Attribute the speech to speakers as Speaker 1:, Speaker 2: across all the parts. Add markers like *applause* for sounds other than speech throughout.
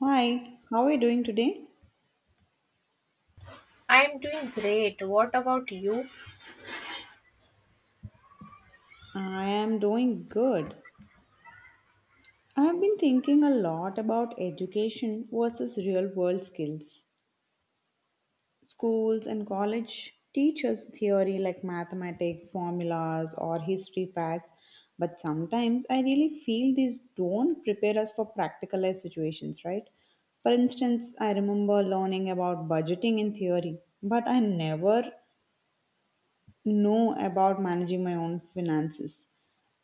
Speaker 1: Hi, how are you doing today?
Speaker 2: I'm doing great. What about you?
Speaker 1: I am doing good. I have been thinking a lot about education versus real world skills. Schools and college teach us theory like mathematics, formulas, or history facts, but sometimes I really feel these don't prepare us for practical life situations, right? For instance, I remember learning about budgeting in theory, but I never know about managing my own finances.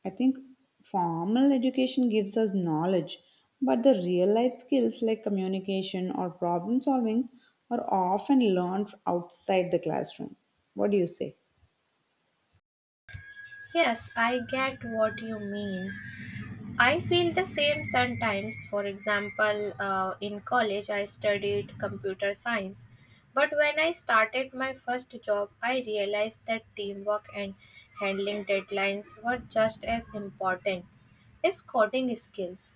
Speaker 1: I think formal education gives us knowledge, but the real life skills like communication or problem solving are often learned outside the classroom. What do you say?
Speaker 2: Yes, I get what you mean. I feel the same sometimes. For example, in college, I studied computer science. But when I started my first job, I realized that teamwork and handling deadlines were just as important as coding skills.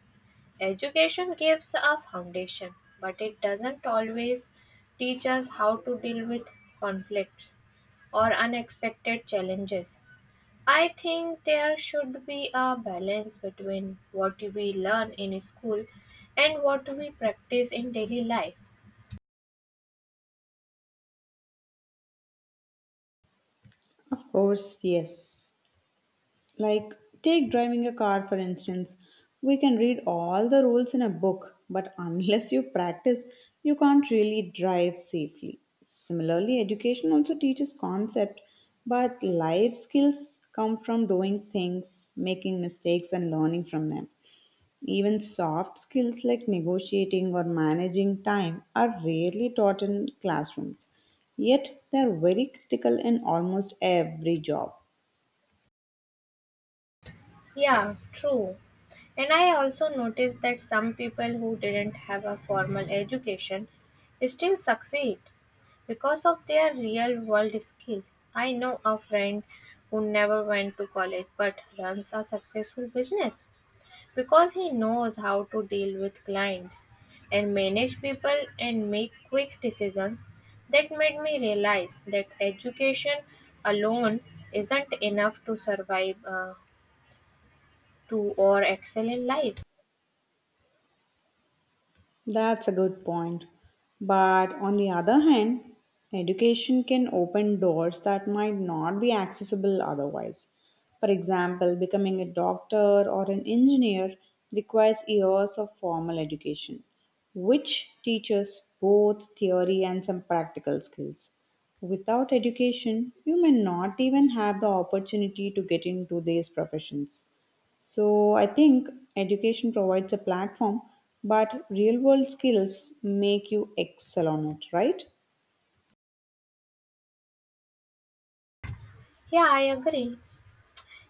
Speaker 2: Education gives a foundation, but it doesn't always teach us how to deal with conflicts or unexpected challenges. I think there should be a balance between what we learn in school and what we practice in daily life.
Speaker 1: Of course, yes. Like, take driving a car for instance. We can read all the rules in a book, but *laughs* unless you practice, you can't really drive safely. Similarly, education also teaches concept, but life skills come from doing things, making mistakes, and learning from them. Even soft skills like negotiating or managing time are rarely taught in classrooms, yet they are very critical in almost every job.
Speaker 2: Yeah, true. And I also noticed that some people who didn't have a formal education still succeed because of their real world skills. I know a friend who never went to college but runs a successful business because he knows how to deal with clients and manage people and make quick decisions. That made me realize that education alone isn't enough to survive. To or excel in life.
Speaker 1: That's a good point. But on the other hand, education can open doors that might not be accessible otherwise. For example, becoming a doctor or an engineer requires years of formal education, which teaches both theory and some practical skills. Without education, you may not even have the opportunity to get into these professions. So I think education provides a platform, but real world skills make you excel on it, right?
Speaker 2: Yeah, I agree.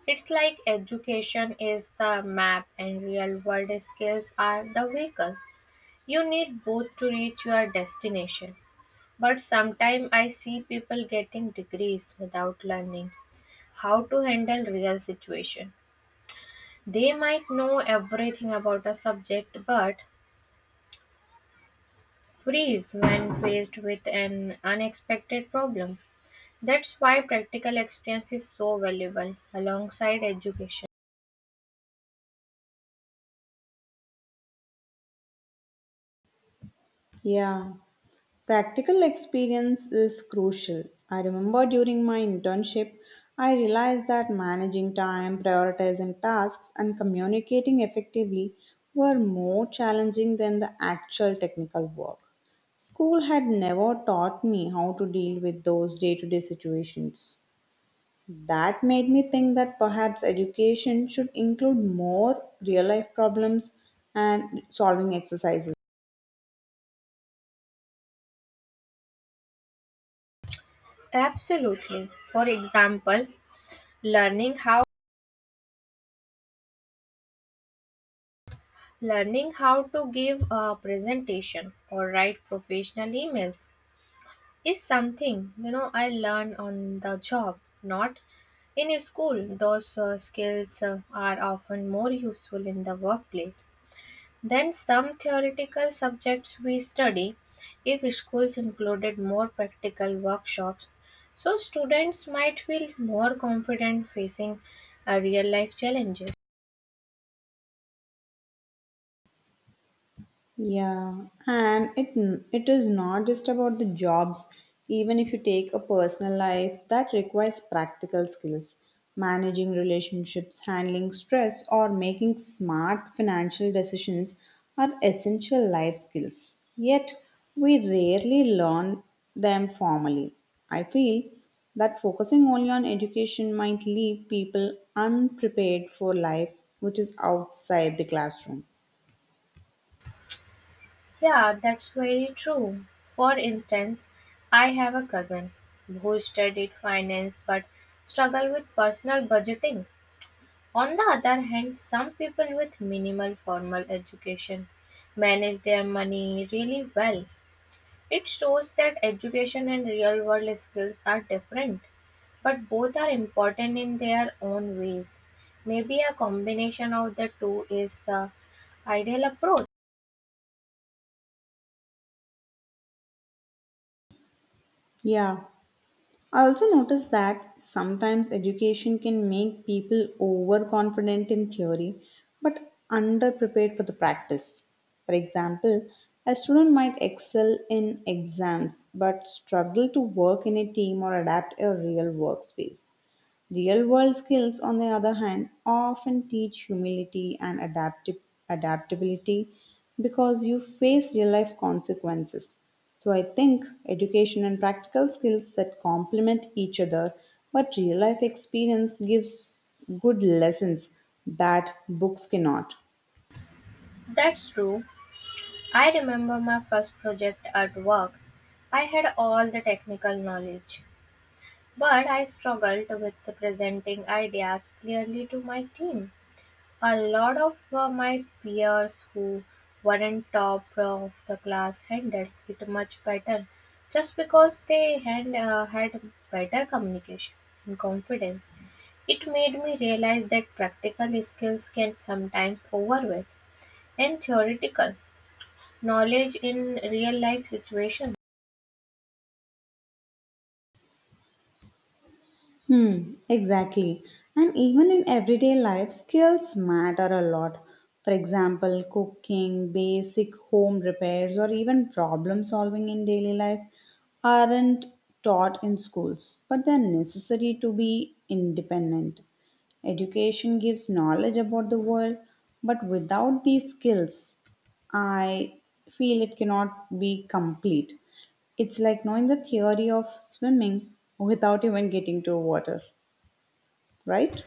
Speaker 2: It's like education is the map and real world skills are the vehicle. You need both to reach your destination. But sometimes I see people getting degrees without learning how to handle real situation. They might know everything about a subject but freeze when faced with an unexpected problem. That's why practical experience is so valuable alongside education.
Speaker 1: Yeah, practical experience is crucial. I remember during my internship, I realized that managing time, prioritizing tasks, and communicating effectively were more challenging than the actual technical work. School had never taught me how to deal with those day to day situations. That made me think that perhaps education should include more real life problems and solving exercises.
Speaker 2: Absolutely. For example, learning how learning how to give a presentation or write professional emails is something I learn on the job, not in a school. Those skills are often more useful in the workplace than some theoretical subjects we study. If schools included more practical workshops, so students might feel more confident facing a real life challenges.
Speaker 1: Yeah, and it is not just about the jobs. Even if you take a personal life, that requires practical skills, managing relationships, handling stress, or making smart financial decisions are essential life skills. Yet, we rarely learn them formally. I feel that focusing only on education might leave people unprepared for life which is outside the classroom.
Speaker 2: Yeah, that's very true. For instance, I have a cousin who studied finance but struggle with personal budgeting. On the other hand, some people with minimal formal education manage their money really well. It shows that education and real world skills are different, but both are important in their own ways. Maybe a combination of the two is the ideal approach.
Speaker 1: Yeah. I also notice that sometimes education can make people overconfident in theory but underprepared for the practice. For example, a student might excel in exams but struggle to work in a team or adapt a real workspace. Real world skills, on the other hand, often teach humility and adaptability because you face real life consequences. So I think education and practical skills that complement each other, but real life experience gives good lessons that books cannot.
Speaker 2: That's true. I remember my first project at work. I had all the technical knowledge, but I struggled with presenting ideas clearly to my team. A lot of my peers who weren't top of the class handled it much better just because they had, had better communication and confidence. It made me realize that practical skills can sometimes overweight and theoretical. Knowledge in real life situations?
Speaker 1: Exactly. And even in everyday life, skills matter a lot. For example, cooking, basic home repairs, or even problem solving in daily life aren't taught in schools, but they're necessary to be independent. Education gives knowledge about the world, but without these skills, I feel it cannot be complete. It's like knowing the theory of swimming without even getting to water, right?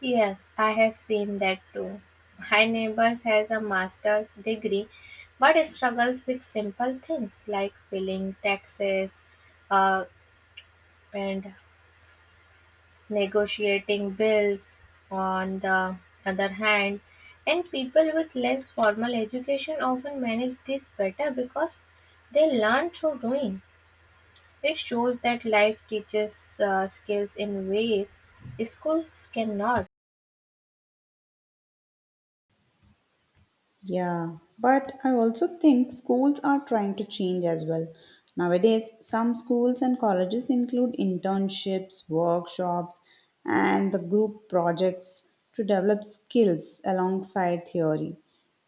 Speaker 2: Yes, I have seen that too. My neighbor has a master's degree but struggles with simple things like filling taxes uh, and negotiating bills. On the other hand, and people with less formal education often manage this better because they learn through doing. It shows that life teaches skills in ways schools cannot.
Speaker 1: Yeah, but I also think schools are trying to change as well. Nowadays, some schools and colleges include internships, workshops, and the group projects to develop skills alongside theory.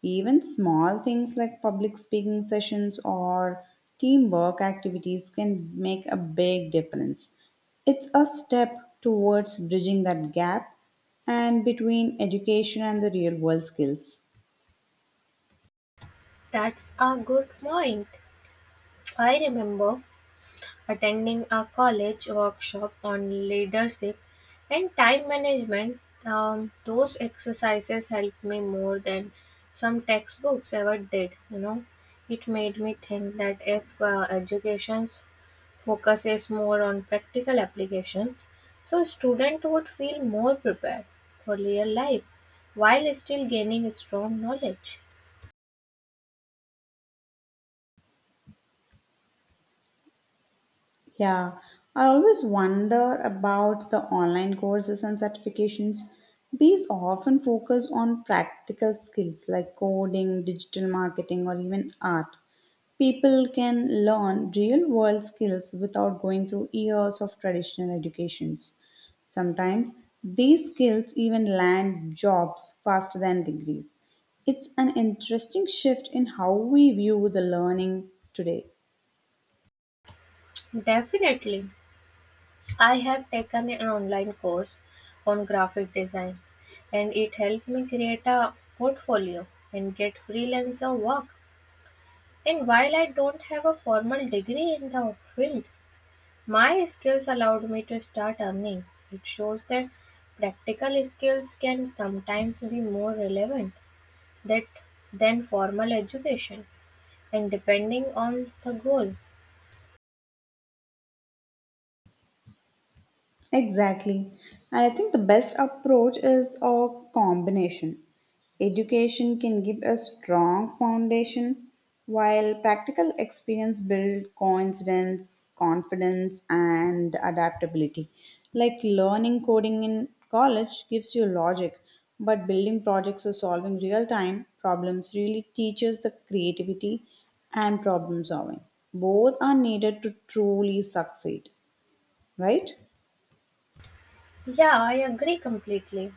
Speaker 1: Even small things like public speaking sessions or teamwork activities can make a big difference. It's a step towards bridging that gap and between education and the real world skills.
Speaker 2: That's a good point. I remember attending a college workshop on leadership and time management. Those exercises helped me more than some textbooks ever did. It made me think that if education focuses more on practical applications, so student would feel more prepared for real life while still gaining strong knowledge.
Speaker 1: Yeah, I always wonder about the online courses and certifications. These often focus on practical skills like coding, digital marketing, or even art. People can learn real world skills without going through years of traditional educations. Sometimes these skills even land jobs faster than degrees. It's an interesting shift in how we view the learning today.
Speaker 2: Definitely. I have taken an online course on graphic design and it helped me create a portfolio and get freelancer work. And while I don't have a formal degree in the field, my skills allowed me to start earning. It shows that practical skills can sometimes be more relevant that than formal education and depending on the goal.
Speaker 1: Exactly. And I think the best approach is a combination. Education can give a strong foundation, while practical experience builds confidence, and adaptability. Like learning coding in college gives you logic, but building projects or solving real time problems really teaches the creativity and problem solving. Both are needed to truly succeed, right?
Speaker 2: Yeah, I agree completely.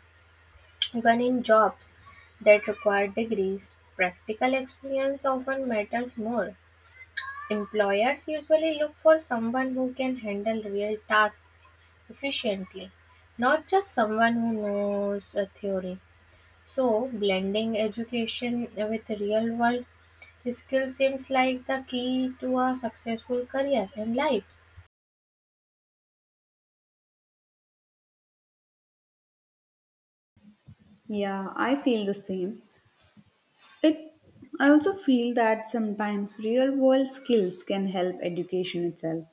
Speaker 2: Even in jobs that require degrees, practical experience often matters more. Employers usually look for someone who can handle real tasks efficiently, not just someone who knows a theory. So, blending education with real world skill seems like the key to a successful career and life.
Speaker 1: Yeah, I feel the same. It, I also feel that sometimes real world skills can help education itself.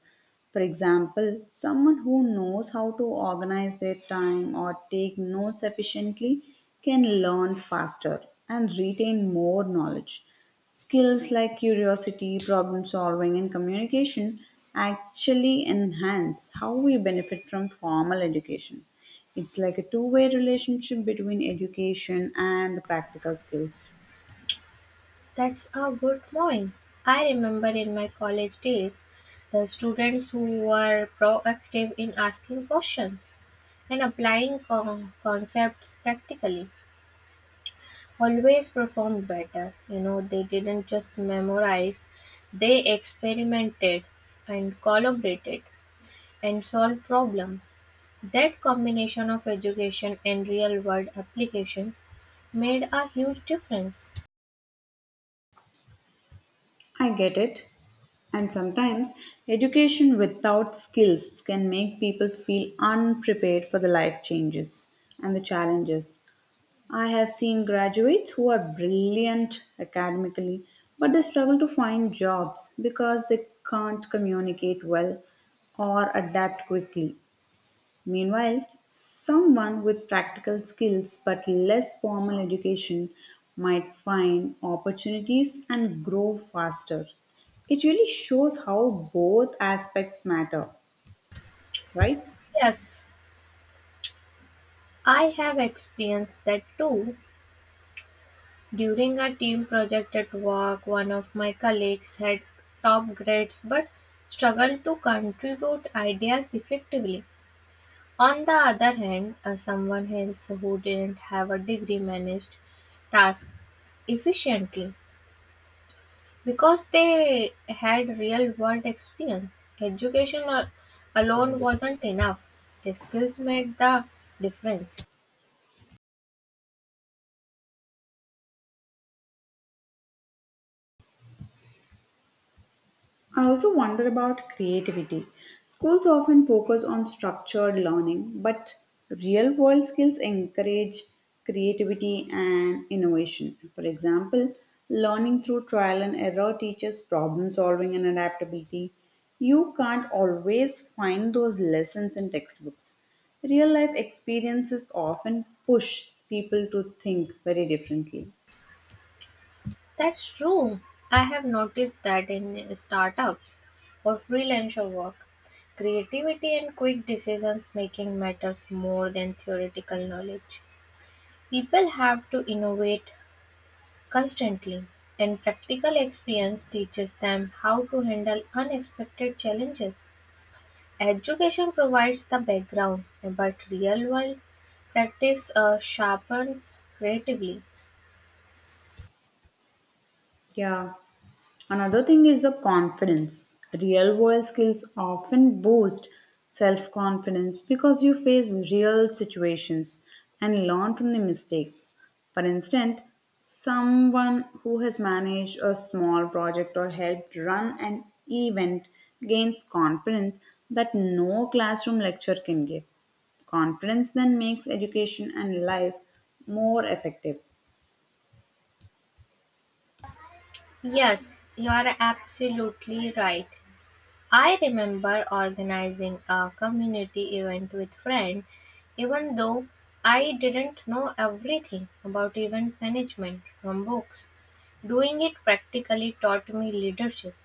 Speaker 1: For example, someone who knows how to organize their time or take notes efficiently can learn faster and retain more knowledge. Skills like curiosity, problem solving, and communication actually enhance how we benefit from formal education. It's like a two-way relationship between education and the practical skills.
Speaker 2: That's a good point. I remember in my college days the students who were proactive in asking questions and applying concepts practically always performed better. They didn't just memorize, they experimented and collaborated and solved problems. That combination of education and real world application made a huge difference.
Speaker 1: I get it. And sometimes education without skills can make people feel unprepared for the life changes and the challenges. I have seen graduates who are brilliant academically, but they struggle to find jobs because they can't communicate well or adapt quickly. Meanwhile, someone with practical skills but less formal education might find opportunities and grow faster. It really shows how both aspects matter, right?
Speaker 2: Yes, I have experienced that too. During a team project at work, one of my colleagues had top grades but struggled to contribute ideas effectively. On the other hand, someone else who didn't have a degree managed tasks efficiently because they had real world experience. Education al- alone wasn't enough, skills made the difference.
Speaker 1: I also wonder about creativity. Schools often focus on structured learning, but real world skills encourage creativity and innovation. For example, learning through trial and error teaches problem solving and adaptability. You can't always find those lessons in textbooks. Real life experiences often push people to think very differently.
Speaker 2: That's true. I have noticed that in startups or freelancer work, creativity and quick decisions making matters more than theoretical knowledge. People have to innovate constantly, and practical experience teaches them how to handle unexpected challenges. Education provides the background, but real world practice sharpens creatively.
Speaker 1: Yeah. Another thing is the confidence. Real world skills often boost self confidence because you face real situations and learn from the mistakes. For instance, someone who has managed a small project or helped run an event gains confidence that no classroom lecture can give. Confidence then makes education and life more effective.
Speaker 2: Yes, you are absolutely right. I remember organizing a community event with friends, even though I didn't know everything about event management from books. Doing it practically taught me leadership,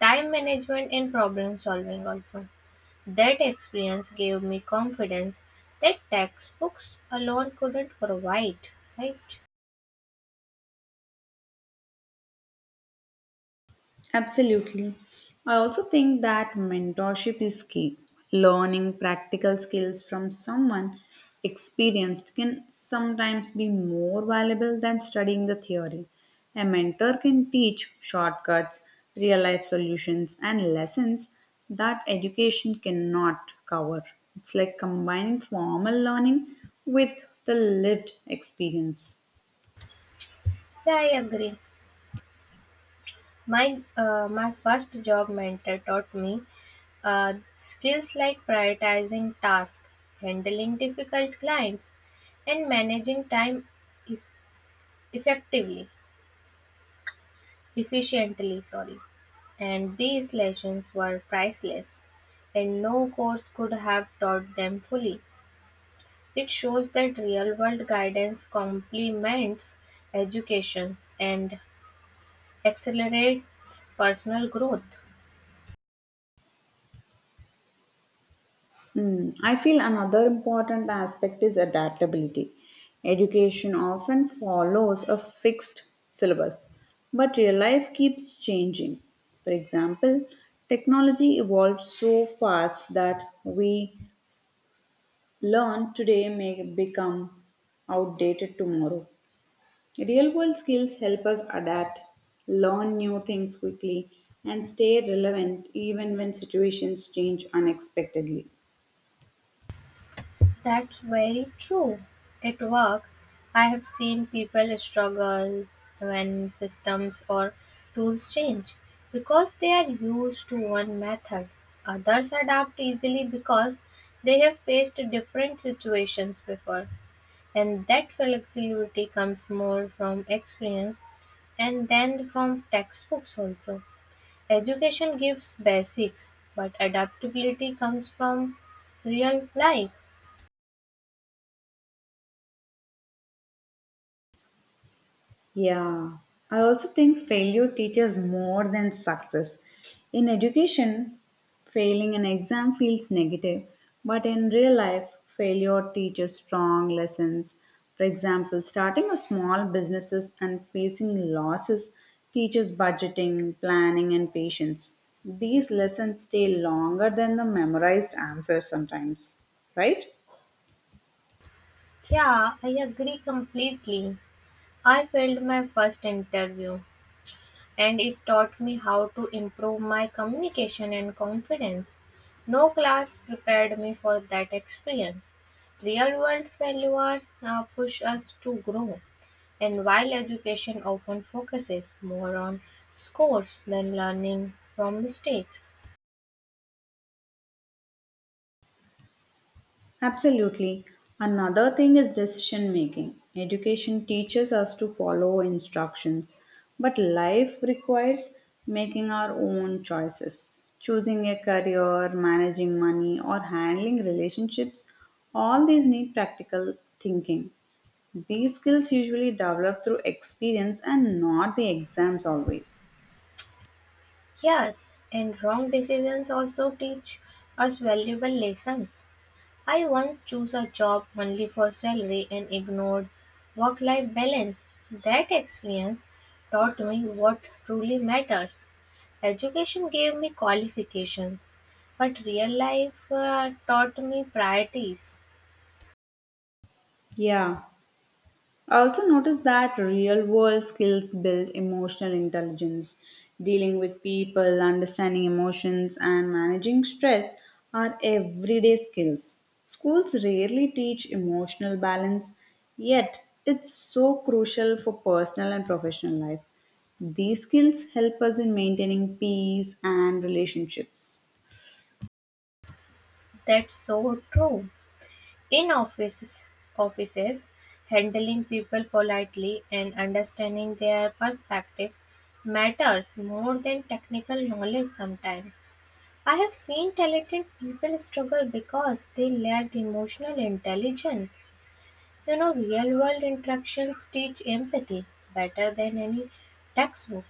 Speaker 2: time management, and problem solving also. That experience gave me confidence that textbooks alone couldn't provide, right?
Speaker 1: Absolutely. I also think that mentorship is key. Learning practical skills from someone experienced can sometimes be more valuable than studying the theory. A mentor can teach shortcuts, real life solutions, and lessons that education cannot cover. It's like combining formal learning with the lived experience.
Speaker 2: Yeah, I agree. My first job mentor taught me skills like prioritizing tasks, handling difficult clients, and managing time eff effectively, efficiently. Sorry, and these lessons were priceless, and no course could have taught them fully. It shows that real-world guidance complements education and accelerates personal growth.
Speaker 1: I feel another important aspect is adaptability. Education often follows a fixed syllabus, but real life keeps changing. For example, technology evolves so fast that we learn today may become outdated tomorrow. Real world skills help us adapt, learn new things quickly, and stay relevant even when situations change unexpectedly.
Speaker 2: That's very true. At work, I have seen people struggle when systems or tools change because they are used to one method. Others adapt easily because they have faced different situations before, and that flexibility comes more from experience and then from textbooks also. Education gives basics, but adaptability comes from real life.
Speaker 1: Yeah, I also think failure teaches more than success. In education, failing an exam feels negative, but in real life, failure teaches strong lessons. For example, starting a small businesses and facing losses teaches budgeting, planning, and patience. These lessons stay longer than the memorized answers sometimes, right?
Speaker 2: Yeah, I agree completely. I failed my first interview and it taught me how to improve my communication and confidence. No class prepared me for that experience. Real world failures push us to grow, and while education often focuses more on scores than learning from mistakes.
Speaker 1: Absolutely. Another thing is decision making. Education teaches us to follow instructions, but life requires making our own choices. Choosing a career, managing money, or handling relationships, all these need practical thinking. These skills usually develop through experience and not the exams always.
Speaker 2: Yes, and wrong decisions also teach us valuable lessons. I once chose a job only for salary and ignored work life balance. That experience taught me what truly matters. Education gave me qualifications, but real life taught me priorities.
Speaker 1: Yeah, I also noticed that real world skills build emotional intelligence. Dealing with people, understanding emotions, and managing stress are everyday skills. Schools rarely teach emotional balance, yet, it's so crucial for personal and professional life. These skills help us in maintaining peace and relationships.
Speaker 2: That's so true. In offices, handling people politely and understanding their perspectives matters more than technical knowledge sometimes. I have seen talented people struggle because they lacked emotional intelligence. Real world interactions teach empathy better than any textbook.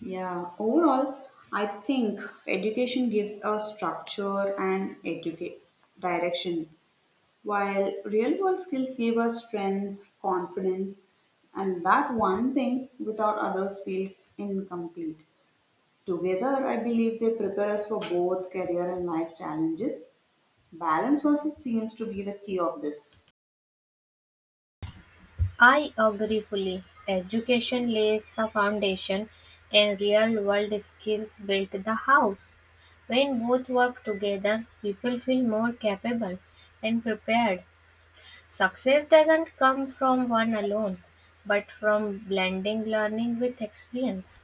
Speaker 1: Yeah, overall, I think education gives a structure and educate direction, while real world skills give us strength, confidence, and that one thing without others feels incomplete. Together, I believe they prepare us for both career and life challenges. Balance also seems to be the key of this.
Speaker 2: I agree fully. Education lays the foundation and real world skills build the house. When both work together, people feel more capable and prepared. Success doesn't come from one alone, but from blending learning with experience.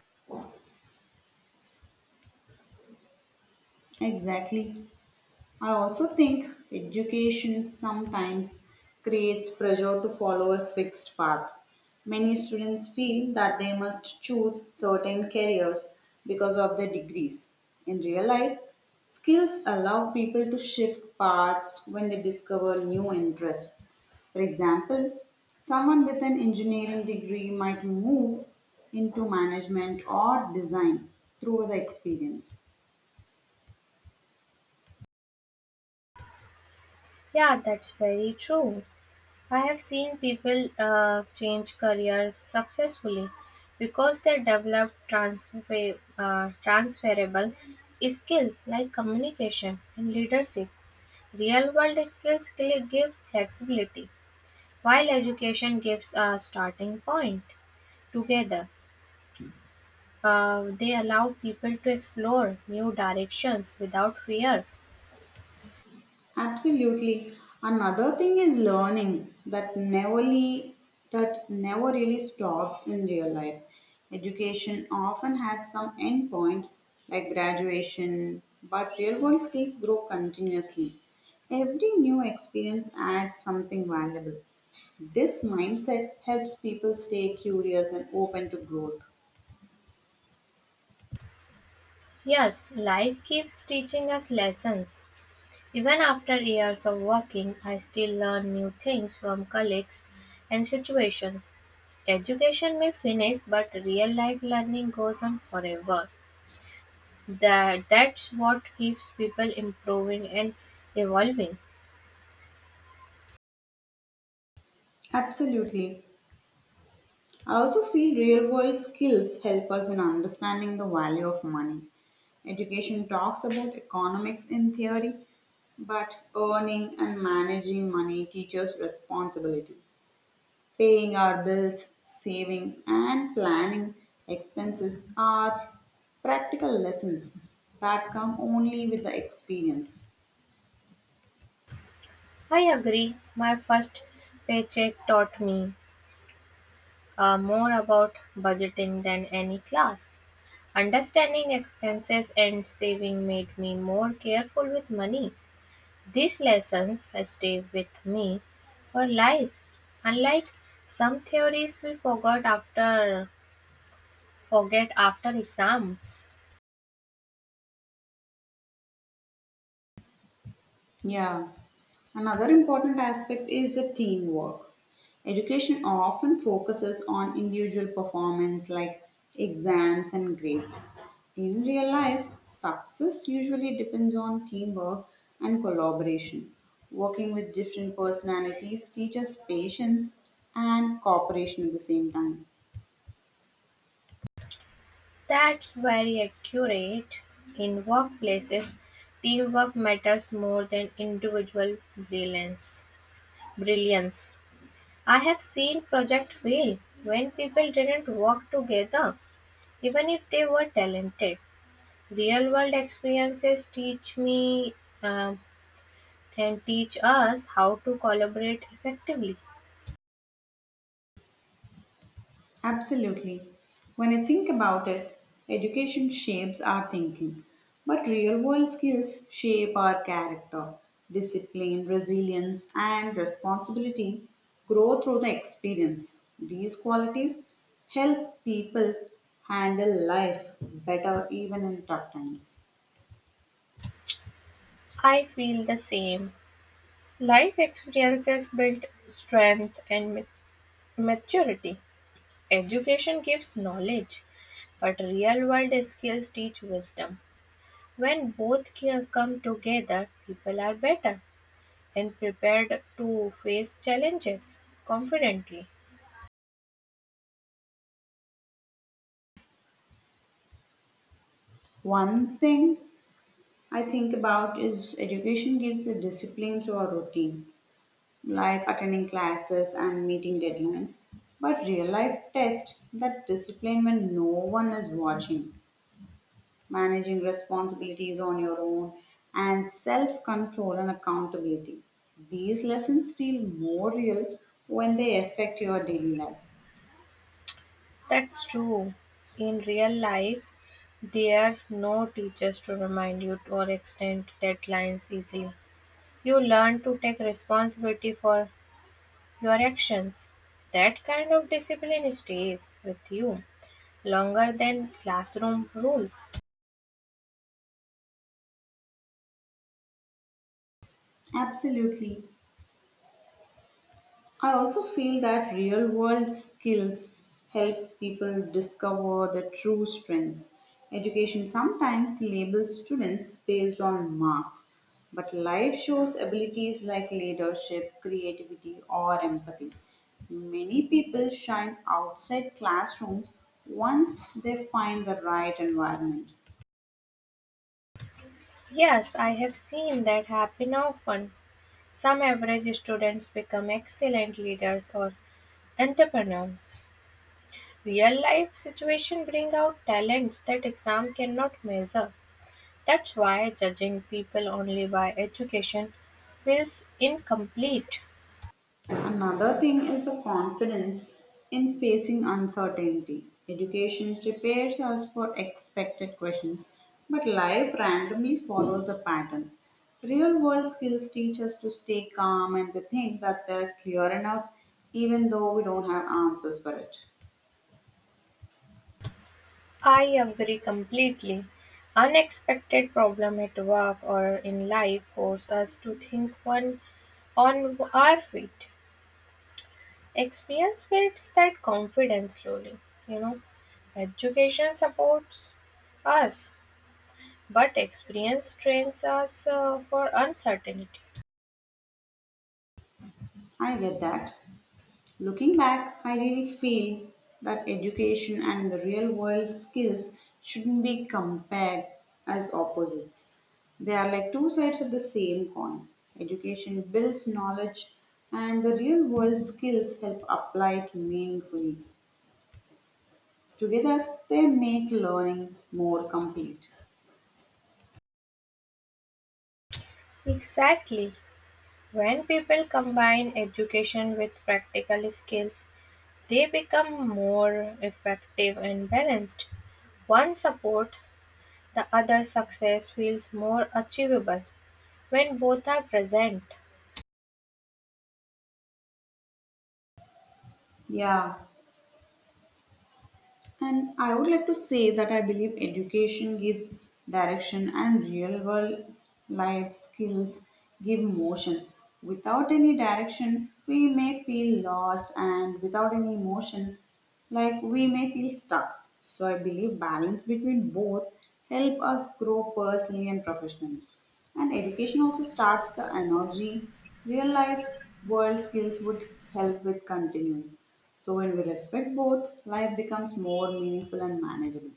Speaker 1: Exactly. I also think education sometimes creates pressure to follow a fixed path. Many students feel that they must choose certain careers because of their degrees. In real life, skills allow people to shift paths when they discover new interests. For example, someone with an engineering degree might move into management or design through the experience.
Speaker 2: Yeah, that's very true. I have seen people change careers successfully because they develop transferable skills like communication and leadership. Real world skills give flexibility, while education gives a starting point. Together, they allow people to explore new directions without fear.
Speaker 1: Absolutely. Another thing is learning that never really stops in real life. Education often has some end point like graduation, but real world skills grow continuously. Every new experience adds something valuable. This mindset helps people stay curious and open to growth.
Speaker 2: Yes, life keeps teaching us lessons. Even after years of working, I still learn new things from colleagues and situations. Education may finish, but real life learning goes on forever. That's what keeps people improving and evolving.
Speaker 1: Absolutely. I also feel real world skills help us in understanding the value of money. Education talks about economics in theory, but earning and managing money teaches responsibility. Paying our bills, saving, and planning expenses are practical lessons that come only with the experience.
Speaker 2: I agree. My first paycheck taught me more about budgeting than any class. Understanding expenses and saving made me more careful with money. These lessons stay with me for life. Unlike some theories we forgot after forget after exams.
Speaker 1: Yeah. Another important aspect is the teamwork. Education often focuses on individual performance like exams and grades. In real life, success usually depends on teamwork and collaboration. Working with different personalities teaches patience and cooperation at the same time.
Speaker 2: That's very accurate. In workplaces, teamwork matters more than individual brilliance. I have seen project fail when people didn't work together, even if they were talented. Real world experiences teach me um, and teach us how to collaborate effectively.
Speaker 1: Absolutely. When I think about it, education shapes our thinking, but real world skills shape our character. Discipline, resilience, and responsibility grow through the experience. These qualities help people handle life better even in tough times.
Speaker 2: I feel the same. Life experiences build strength and maturity. Education gives knowledge, but real world skills teach wisdom. When both come together, people are better and prepared to face challenges confidently.
Speaker 1: One thing I think about is education gives a discipline through a routine. Like attending classes and meeting deadlines. But real life tests that discipline when no one is watching, managing responsibilities on your own, and self control and accountability. These lessons feel more real when they affect your daily life.
Speaker 2: That's true. In real life, there's no teachers to remind you or extend deadlines easily. You learn to take responsibility for your actions. That kind of discipline stays with you longer than classroom rules.
Speaker 1: Absolutely. I also feel that real world skills helps people discover their true strengths. Education sometimes labels students based on marks, but life shows abilities like leadership, creativity, or empathy. Many people shine outside classrooms once they find the right environment.
Speaker 2: Yes, I have seen that happen often. Some average students become excellent leaders or entrepreneurs. Real life situation bring out talents that exam cannot measure. That's why judging people only by education feels incomplete.
Speaker 1: Another thing is the confidence in facing uncertainty. Education prepares us for expected questions, but life randomly follows a pattern. Real world skills teach us to stay calm and to think that they're clear enough, even though we don't have answers for it.
Speaker 2: I agree completely. Unexpected problem at work or in life force us to think one on our feet. Experience builds that confidence slowly. You know, education supports us, but experience trains us for uncertainty.
Speaker 1: I get that. Looking back, I really feel that education and the real world skills shouldn't be compared as opposites. They are like two sides of the same coin. Education builds knowledge, and the real world skills help apply it meaningfully. Together, they make learning more complete.
Speaker 2: Exactly. When people combine education with practical skills, they become more effective and balanced. One support. The other success feels more achievable when both are present.
Speaker 1: Yeah, and I would like to say that I believe education gives direction and real world life skills give motion. Without any direction, we may feel lost, and without any motion, like we may feel stuck. So I believe balance between both help us grow personally and professionally. And education also starts the energy. Real life world skills would help with continuing. So when we respect both, life becomes more meaningful and manageable.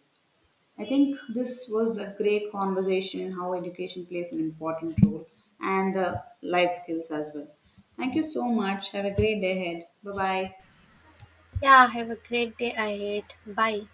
Speaker 1: I think this was a great conversation how education plays an important role and the life skills as well. Thank you so much. Have a great day ahead. Bye bye.
Speaker 2: Yeah, have a great day ahead. Bye.